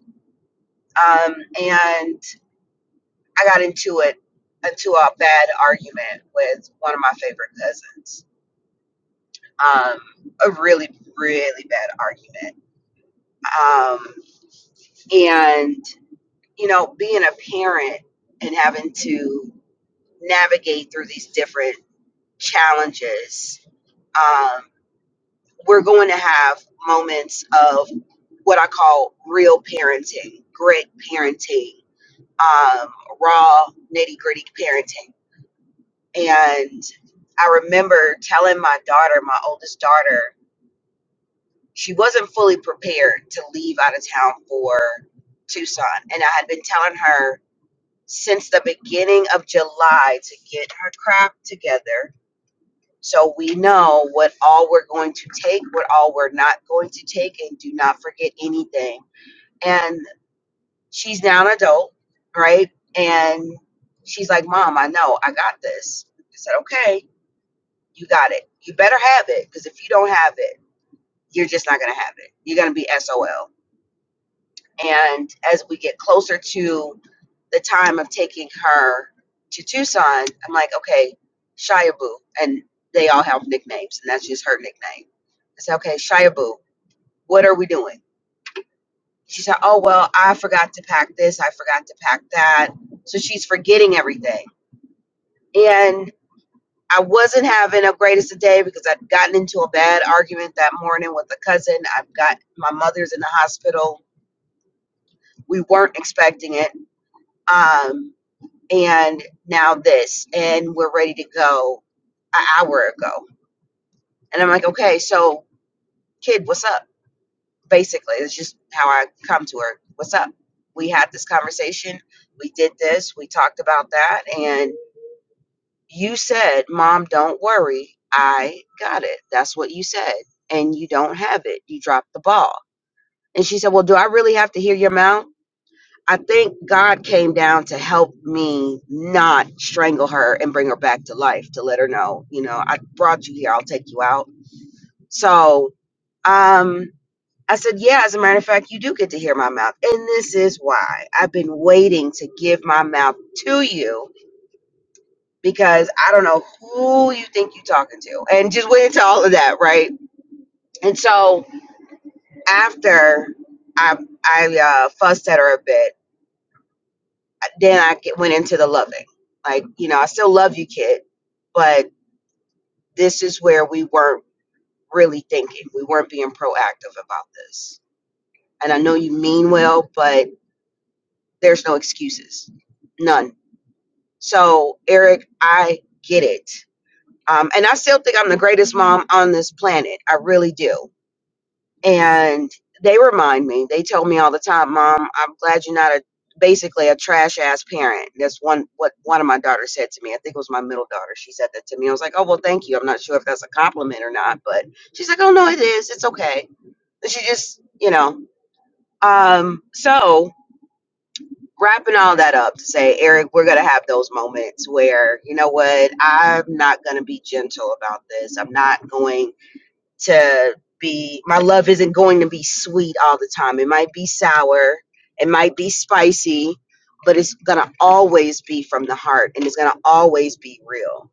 S2: Um, and I got into it into a bad argument with one of my favorite cousins um, a really, really bad argument. Um, and, you know, being a parent and having to navigate through these different challenges, um, we're going to have moments of what I call real parenting, grit parenting, um, raw, nitty gritty parenting. And I remember telling my daughter, my oldest daughter, she wasn't fully prepared to leave out of town for Tucson. And I had been telling her since the beginning of July to get her crap together so we know what all we're going to take, what all we're not going to take, and do not forget anything. And she's now an adult, right? And she's like, Mom, I know, I got this. I said, Okay, you got it. You better have it because if you don't have it, you're just not going to have it. You're going to be SOL And as we get closer to the time of taking her to Tucson, I'm like, okay, Shia Boo. And they all have nicknames, and that's just her nickname. I said, okay, Shia Boo, what are we doing? She said, oh, well, I forgot to pack this, I forgot to pack that. So she's forgetting everything. And I wasn't having the greatest of day because I'd gotten into a bad argument that morning with a cousin. I've got my mother's in the hospital. We weren't expecting it. Um, and now this and we're ready to go an hour ago and i'm like okay so kid what's up basically it's just how i come to her what's up we had this conversation we did this we talked about that and you said mom don't worry i got it that's what you said and you don't have it you dropped the ball and she said well do i really have to hear your mouth I think God came down to help me not strangle her and bring her back to life to let her know, you know, I brought you here, I'll take you out. So um I said, Yeah, as a matter of fact, you do get to hear my mouth. And this is why I've been waiting to give my mouth to you because I don't know who you think you're talking to. And just went into all of that, right? And so after I I uh, fussed at her a bit Then I get- went into the loving. Like, you know, I still love you, kid, but this is where we weren't really thinking. We weren't being proactive about this. And I know you mean well, but there's no excuses. None. So, Eric, I get it. Um, and I still think I'm the greatest mom on this planet. I really do. and they remind me they tell me all the time mom i'm glad you're not a basically a trash ass parent that's one what one of my daughters said to me i think it was my middle daughter she said that to me i was like oh well thank you i'm not sure if that's a compliment or not but she's like oh no it is it's okay And she just you know um so wrapping all that up to say eric we're gonna have those moments where you know what i'm not gonna be gentle about this i'm not going to be my love isn't going to be sweet all the time. It might be sour, it might be spicy, but it's going to always be from the heart and it's going to always be real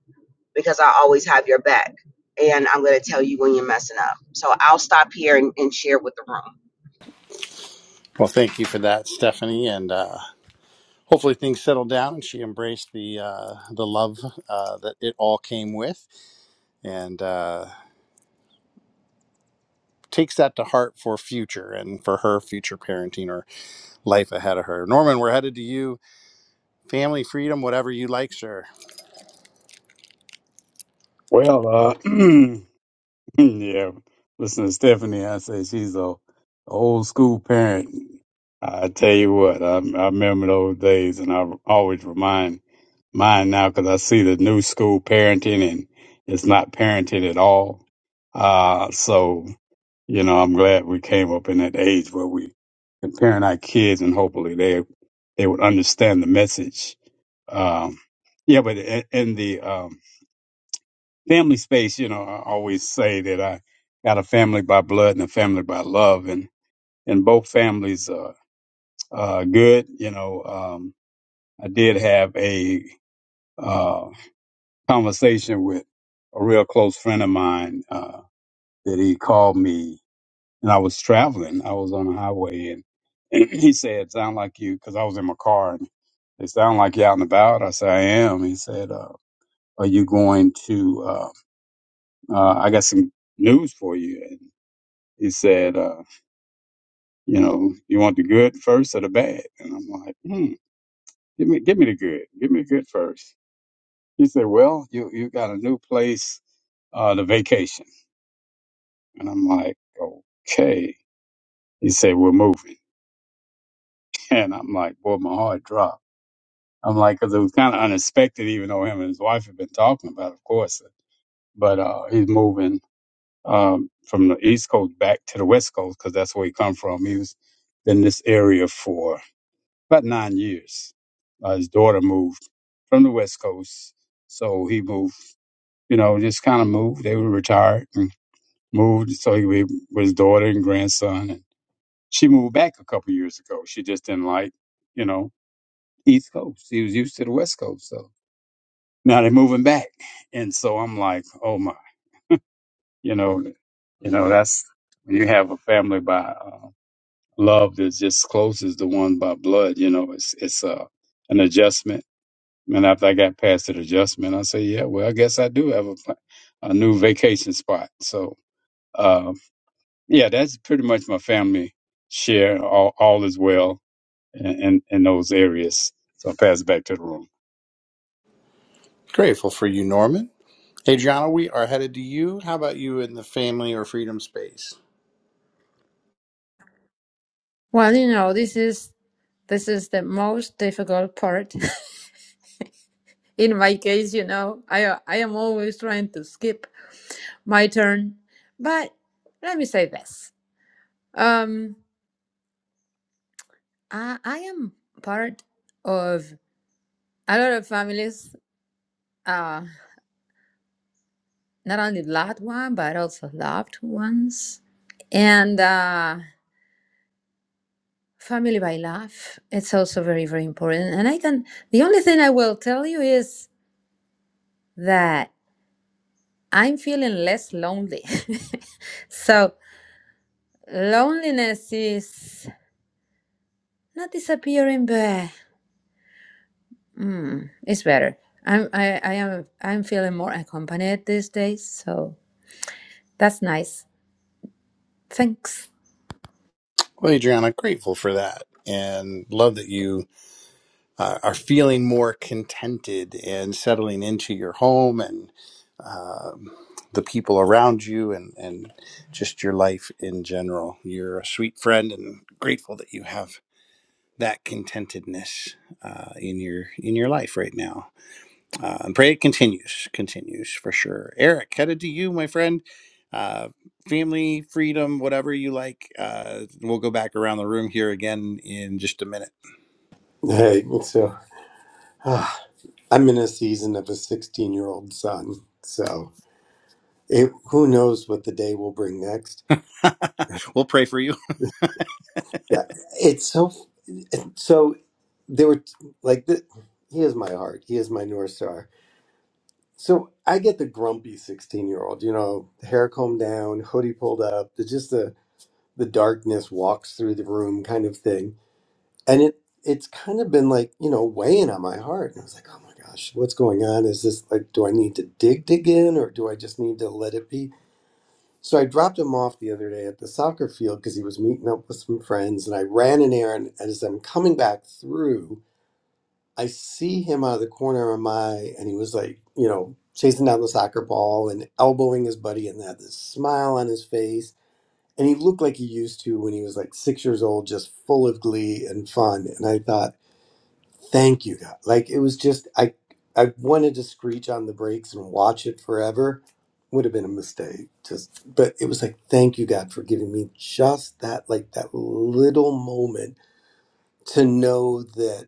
S2: because I always have your back and I'm going to tell you when you're messing up. So I'll stop here and, and share with the room.
S1: Well, thank you for that, Stephanie, and uh, hopefully things settle down and she embraced the uh, the love uh, that it all came with, and uh, takes that to heart for future and for her future parenting or life ahead of her. Norman, we're headed to you. Family, freedom, whatever you like, sir.
S3: Well, uh, yeah, listen to Stephanie. I say she's a old school parent. I tell you what, I, I remember those days, and I always remind mine now because I see the new school parenting, and it's not parenting at all. Uh, so you know, I'm glad we came up in that age where we can parent our kids, and hopefully they they would understand the message. Um, yeah, but in, in the um, family space, you know, I always say that I got a family by blood and a family by love, and and both families are uh, good. You know, um, I did have a uh, conversation with a real close friend of mine uh, that he called me, and I was traveling. I was on the highway, and, and he said, "Sound like you," because I was in my car, and they sound like you out and about. I said, "I am." He said, uh, "Are you going to?" Uh, uh, I got some news for you. he said, uh, you know, you want the good first or the bad? And I'm like, hmm, give me, give me the good. Give me the good first. He said, well, you, you got a new place, uh, to vacation. And I'm like, okay. He said, we're moving. And I'm like, boy, my heart dropped. I'm like, cause it was kind of unexpected, even though him and his wife had been talking about, it, of course, but, uh, he's moving, um, from the East Coast back to the West Coast. Cause that's where he come from. He was in this area for about nine years. Uh, his daughter moved from the West Coast, so he moved. You know, just kind of moved. They were retired and moved, so he was with his daughter and grandson. And she moved back a couple years ago. She just didn't like, you know, East Coast. He was used to the West Coast, so now they're moving back. And so I'm like, oh my, you know, you know, that's when you have a family by uh, love that's just close as the one by blood. You know, it's it's uh, an adjustment And after I got past that adjustment, I say, yeah, well, I guess I do have a, pla- a new vacation spot. So, uh, yeah, that's pretty much my family share. All, all is well in, in, in those areas. So I pass it back to the room.
S1: Grateful for you, Norman. Adriana, we are headed to you. How about you in the family or freedom space?
S4: Well, you know, this is This is the most difficult part. In my case, you know, I I am always trying to skip my turn. But let me say this. Um I I am part of a lot of families, uh not only loved one but also loved ones. And uh family by love, it's also very, very important. And I can the only thing I will tell you is that I'm feeling less lonely. so loneliness is not disappearing, but mm, it's better. I'm I, I am I'm feeling more accompanied these days, so that's nice. Thanks.
S1: Well, Adriana, grateful for that, and love that you uh, are feeling more contented and settling into your home and um the people around you and, and just your life in general. You're a sweet friend and grateful that you have that contentedness uh, in your in your life right now. Uh, and pray it continues, continues for sure. Eric, headed to you, my friend. Uh, family, freedom, whatever you like. Uh, we'll go back around the room here again in just a minute.
S5: hey so ah, i'm in a season of a 16 year old son so It, who knows what the day will bring next?
S1: we'll pray for you.
S5: Yeah, it's so so. There were like the, he is my heart. He is my north star. So I get the grumpy sixteen-year-old. You know, hair combed down, hoodie pulled up. The, just the the darkness walks through the room, kind of thing. And it it's kind of been like you know weighing on my heart. And I was like, oh my gosh, what's going on? Is this like, do I need to dig dig in, or do I just need to let it be? So I dropped him off the other day at the soccer field because he was meeting up with some friends, and I ran an errand. As I'm coming back through, I see him out of the corner of my eye, and he was like, you know, chasing down the soccer ball and elbowing his buddy, and had this smile on his face. And he looked like he used to when he was like six years old, just full of glee and fun. And I thought, Thank you, God. Like it was just I I wanted to screech on the brakes and watch it forever. Would have been a mistake. Just but it was like, thank you, God, for giving me just that like that little moment to know that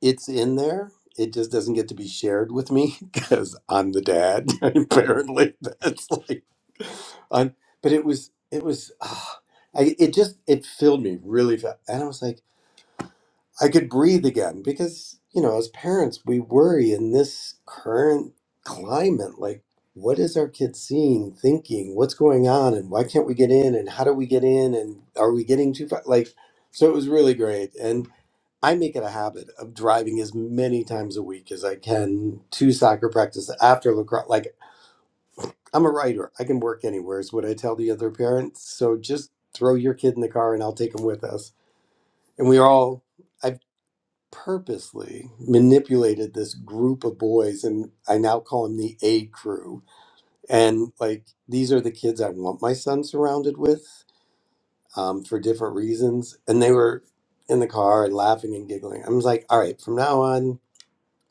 S5: it's in there. It just doesn't get to be shared with me because I'm the dad. Apparently, that's like, i but it was, it was, ah, I, it just, it filled me really fast. And I was like, I could breathe again because, you know, as parents, we worry in this current climate like, what is our kid seeing, thinking, what's going on, and why can't we get in, and how do we get in, and are we getting too far? Like, so it was really great. And I make it a habit of driving as many times a week as I can to soccer practice after lacrosse. Like, I'm a writer, I can work anywhere, is what I tell the other parents. So just throw your kid in the car and I'll take him with us. And we are all. I purposely manipulated this group of boys and I now call them the A crew. And like these are the kids I want my son surrounded with um, for different reasons. And they were in the car and laughing and giggling. I was like, all right, from now on,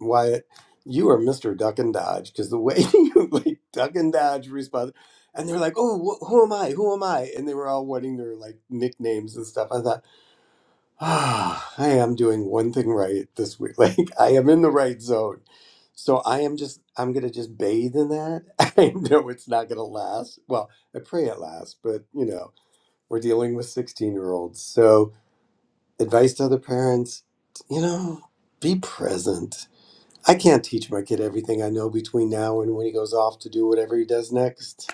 S5: Wyatt, you are Mr. Duck and Dodge because the way you like Duck and Dodge responded. And they were like, oh, wh- who am I? Who am I? And they were all wanting their like nicknames and stuff. I thought. Ah, I am doing one thing right this week. Like I am in the right zone. So I am just I'm gonna just bathe in that. I know it's not gonna last. Well, I pray it lasts, but you know, we're dealing with 16 year olds. So advice to other parents, you know, be present. I can't teach my kid everything I know between now and when he goes off to do whatever he does next.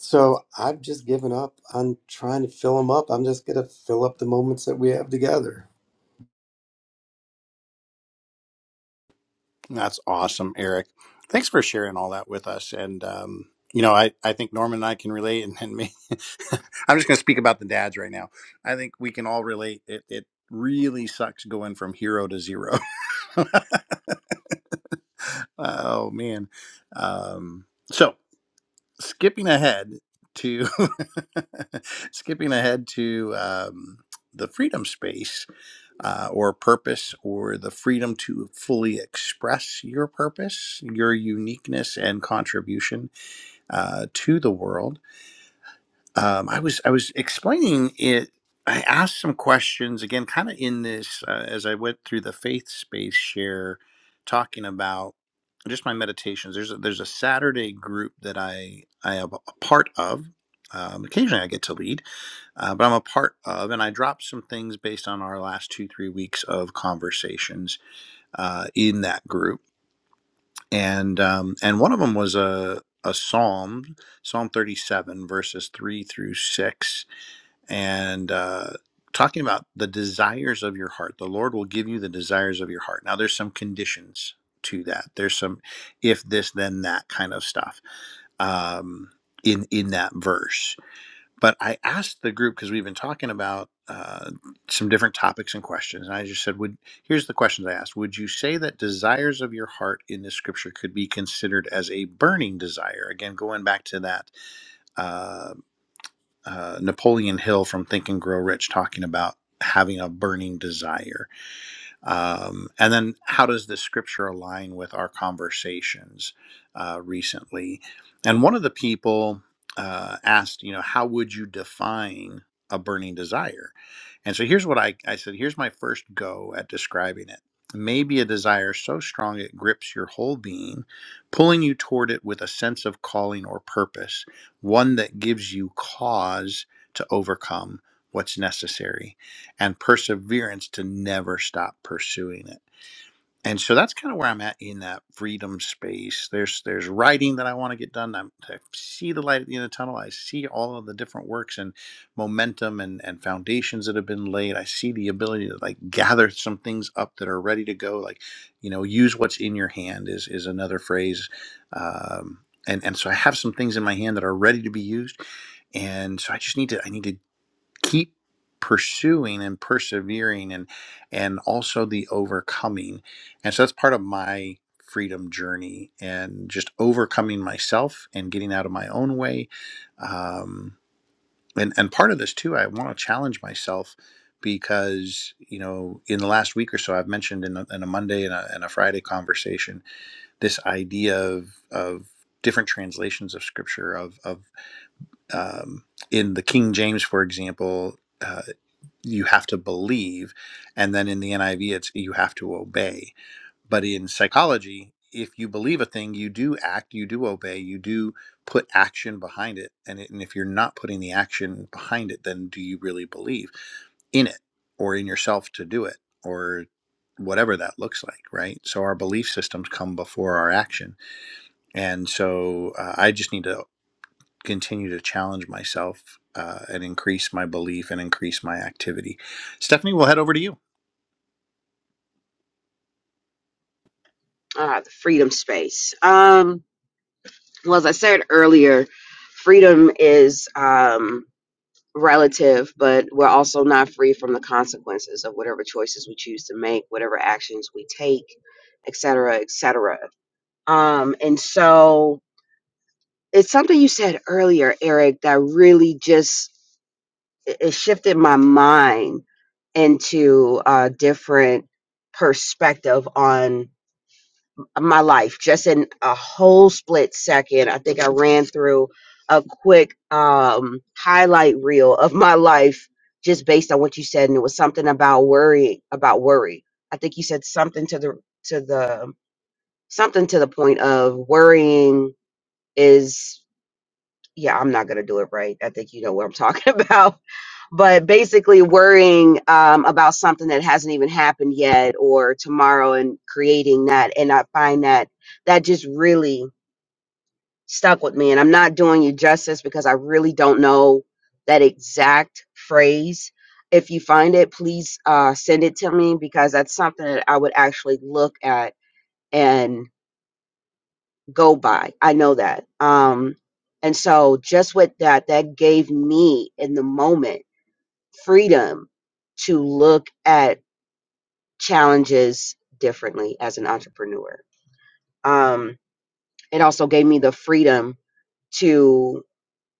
S5: So I've just given up on trying to fill him up. I'm just gonna fill up the moments that we have together.
S1: That's awesome, Eric. Thanks for sharing all that with us. And, um, you know, I, I think Norman and I can relate, and, and me. I'm just going to speak about the dads right now. I think we can all relate. It, it really sucks going from hero to zero. oh, man. Um, so, skipping ahead to skipping ahead to um, the freedom space uh, or purpose or the freedom to fully express your purpose, your uniqueness, and contribution uh, to the world um, I was I was explaining it. I asked some questions again, kind of in this uh, as I went through the faith space share, talking about just my meditations. There's a, there's a Saturday group that I I am a part of. Um, occasionally I get to lead, uh, but I'm a part of, and I dropped some things based on our last two three weeks of conversations uh, in that group, and um, and one of them was a a psalm, Psalm 37 verses three through six and uh, talking about the desires of your heart. The Lord will give you the desires of your heart. Now, there's some conditions to that. There's some if this, then that kind of stuff um, in in that verse. But I asked the group because we've been talking about uh, some different topics and questions, and I just said, "Would here's the questions I asked: Would you say that desires of your heart in this scripture could be considered as a burning desire? Again, going back to that." Uh, uh, Napoleon Hill from Think and Grow Rich talking about having a burning desire. Um, and then how does the scripture align with our conversations uh, recently? And one of the people uh, asked, you know, how would you define a burning desire? And so here's what I, I said here's my first go at describing it. Maybe a desire so strong it grips your whole being, pulling you toward it with a sense of calling or purpose, one that gives you cause to overcome what's necessary and perseverance to never stop pursuing it and so that's kind of where I'm at in that freedom space. There's there's writing that I want to get done. I'm, I see the light at the end of the tunnel. I see all of the different works and momentum and and foundations that have been laid. I see the ability to like gather some things up that are ready to go. Like, you know, use what's in your hand is is another phrase. Um, and and so I have some things in my hand that are ready to be used. And so I just need to I need to keep pursuing and persevering and and also the overcoming and so that's part of my freedom journey and just overcoming myself and getting out of my own way um, and and part of this too i want to challenge myself because you know in the last week or so i've mentioned in a, in a monday and a, and a friday conversation this idea of of different translations of scripture of of um, in the king james for example uh, you have to believe and then in the NIV it's you have to obey but in psychology if you believe a thing you do act you do obey you do put action behind it and, it, and if you're not putting the action behind it then do you really believe in it or in yourself to do it or whatever that looks like right so our belief systems come before our action and so uh, i just need to continue to challenge myself uh, and increase my belief and increase my activity. Stephanie, we'll head over to you.
S2: Ah, the freedom space. Um, well, as I said earlier, freedom is um, relative, but we're also not free from the consequences of whatever choices we choose to make, whatever actions we take, et cetera, et cetera. Um, and so it's something you said earlier, Eric, that really just it it shifted my mind into a different perspective on of my life just in a whole split second i think i ran through a quick um highlight reel of my life just based on what you said and it was something about worrying about worry i think you said something to the to the something to the point of worrying is yeah i'm not gonna do it right i think you know what i'm talking about but basically worrying um, about something that hasn't even happened yet or tomorrow and creating that and i find that that just really stuck with me and i'm not doing you justice because i really don't know that exact phrase if you find it please uh, send it to me because that's something that i would actually look at and go by i know that um, and so just with that that gave me in the moment freedom to look at challenges differently as an entrepreneur. Um, it also gave me the freedom to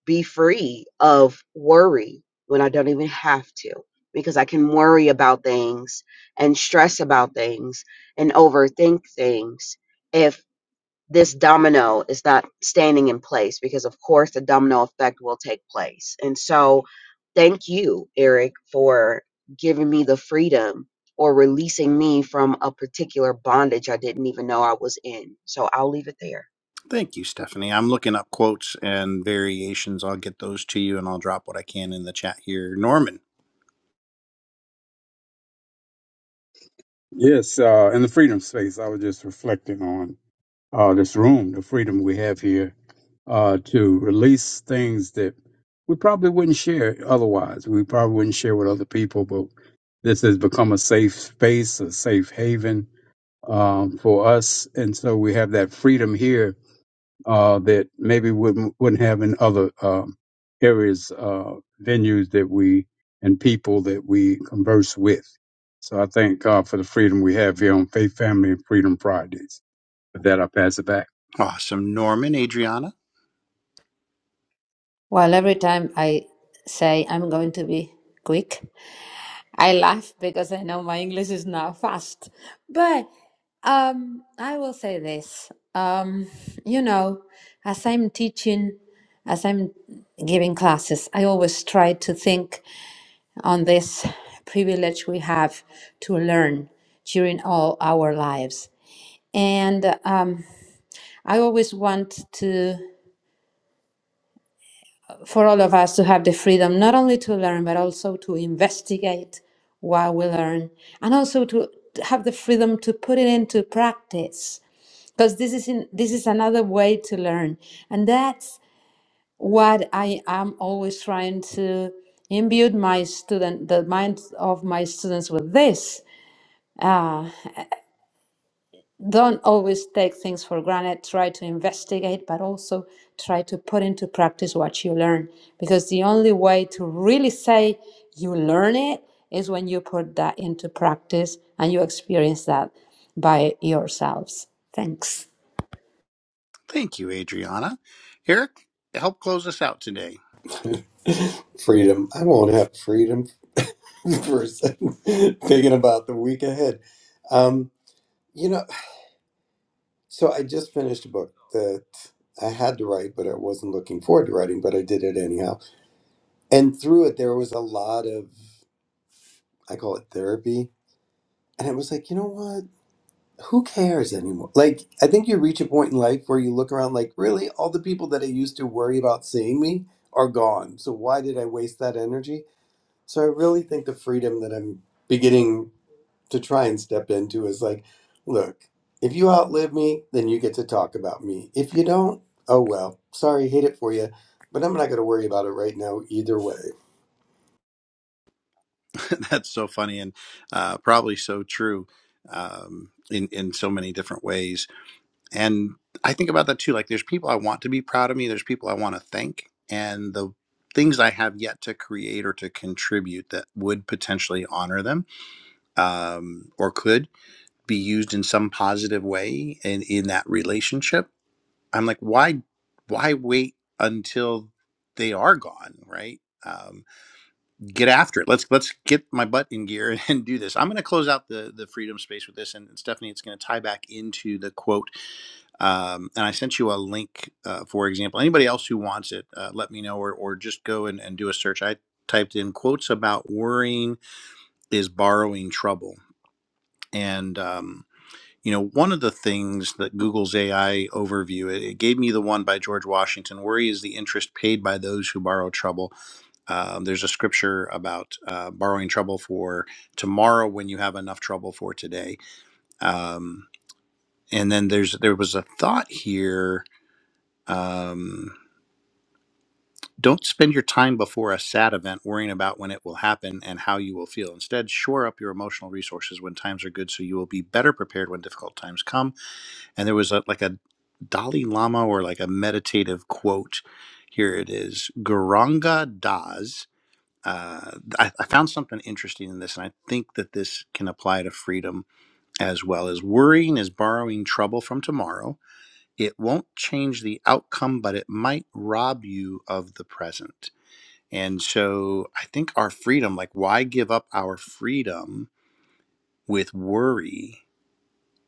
S2: be free of worry when I don't even have to, because I can worry about things and stress about things and overthink things. If this domino is not standing in place because of course the domino effect will take place and so thank you eric for giving me the freedom or releasing me from a particular bondage i didn't even know i was in so i'll leave it there
S1: Thank you, Stephanie. I'm looking up quotes and variations. I'll get those to you and I'll drop what I can in the chat here. Norman.
S3: Yes, uh, in the freedom space, I was just reflecting on uh, this room, the freedom we have here uh, to release things that we probably wouldn't share otherwise. We probably wouldn't share with other people, but this has become a safe space, a safe haven um, for us, and so we have that freedom here uh, that maybe wouldn't wouldn't have in other um, areas, uh, venues that we and people that we converse with. So I thank God for the freedom we have here on Faith, Family, and Freedom Fridays. With that, I pass it back.
S1: Awesome. Norman, Adriana.
S4: Well, every time I say I'm going to be quick, I laugh because I know my English is now fast. But um, I will say this. Um, you know, as I'm teaching, as I'm giving classes, I always try to think on this privilege we have to learn during all our lives. And um, I always want to. for all of us to have the freedom not only to learn but also to investigate while we learn and also to have the freedom to put it into practice because this is in, this is another way to learn and that's what i am always trying to imbue my student the minds of my students with this uh, Don't always take things for granted. Try to investigate, but also try to put into practice what you learn. Because the only way to really say you learn it is when you put that into practice and you experience that by yourselves. Thanks.
S1: Thank you, Adriana. Eric, help close us out today.
S5: freedom. I won't have freedom for a second. Thinking about the week ahead. Um, you know, so I just finished a book that I had to write, but I wasn't looking forward to writing, but I did it anyhow. And through it, there was a lot of, I call it therapy. And it was like, you know what? Who cares anymore? Like, I think you reach a point in life where you look around, like, really, all the people that I used to worry about seeing me are gone. So why did I waste that energy? So I really think the freedom that I'm beginning to try and step into is like, look, if you outlive me, then you get to talk about me. If you don't, oh well, sorry, hate it for you, but I'm not going to worry about it right now either way.
S1: That's so funny and uh, probably so true um, in, in so many different ways. And I think about that too. Like there's people I want to be proud of me, there's people I want to thank, and the things I have yet to create or to contribute that would potentially honor them um, or could be used in some positive way and in that relationship. I'm like, why why wait until they are gone, right? Um, get after it. Let's let's get my butt in gear and do this. I'm going to close out the the freedom space with this, and Stephanie, it's going to tie back into the quote um, and I sent you a link, uh, for example. Anybody else who wants it, uh, let me know, or, or just go and, and do a search. I typed in quotes about worrying is borrowing trouble. And, um, you know, one of the things that Google's AI overview, it, it gave me the one by George Washington worry is the interest paid by those who borrow trouble. Um, there's a scripture about uh, borrowing trouble for tomorrow when you have enough trouble for today. Um, and then there's there was a thought here. Um, Don't spend your time before a sad event worrying about when it will happen and how you will feel. Instead, shore up your emotional resources when times are good so you will be better prepared when difficult times come. And there was a, like a Dalai Lama or like a meditative quote. Here it is Garanga Das. Uh, I, I found something interesting in this, and I think that this can apply to freedom as well as worrying is borrowing trouble from tomorrow. It won't change the outcome, but it might rob you of the present and so I think our freedom, like, why give up our freedom with worry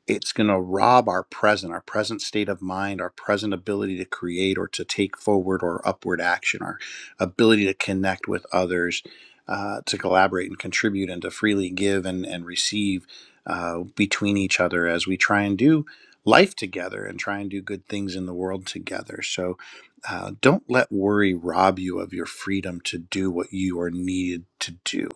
S1: it's going to rob our present, our present state of mind, our present ability to create or to take forward or upward action, our ability to connect with others, uh, to collaborate and contribute, and to freely give and, and receive uh, between each other as we try and do life together and try and do good things in the world together. So uh, don't let worry rob you of your freedom to do what you are needed to do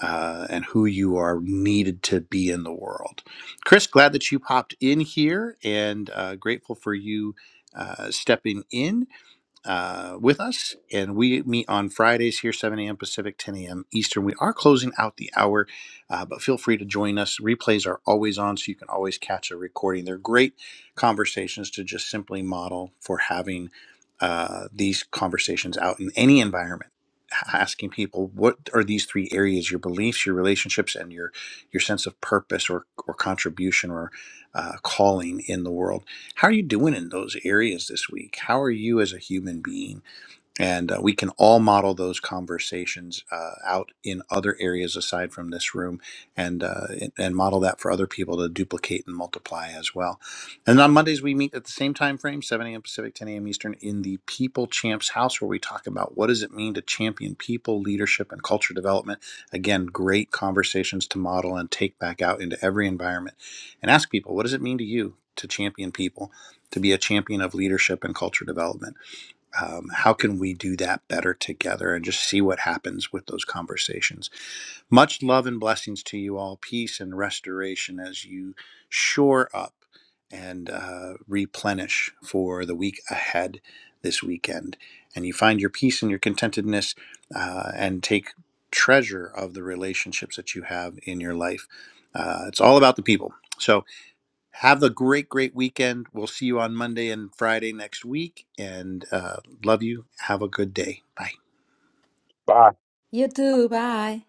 S1: uh, and who you are needed to be in the world. Chris, glad that you popped in here and uh, grateful for you uh, stepping in uh, with us, and we meet on Fridays here, 7 a.m. Pacific, 10 a.m. Eastern. We are closing out the hour, uh, but feel free to join us. Replays are always on, so you can always catch a recording. They're great conversations to just simply model for having uh, these conversations out in any environment. Asking people what are these three areas: your beliefs, your relationships, and your your sense of purpose or or contribution or uh, calling in the world how are you doing in those areas this week? How are you as a human being? And uh, we can all model those conversations uh, out in other areas aside from this room and, uh, and and model that for other people to duplicate and multiply as well. And on Mondays, we meet at the same time frame, 7 a.m. Pacific, 10 a.m. Eastern, in the People Champs House, where we talk about what does it mean to champion people, leadership, and culture development. Again, great conversations to model and take back out into every environment and ask people, what does it mean to you to champion people, to be a champion of leadership and culture development? um, how can we do that better together and just see what happens with those conversations much love and blessings to you all peace and restoration as you shore up and uh, replenish for the week ahead this weekend and you find your peace and your contentedness uh, and take treasure of the relationships that you have in your life uh, it's all about the people so have a great, great weekend. We'll see you on Monday and Friday next week. And uh, love you. Have a good day. Bye.
S4: You too. Bye.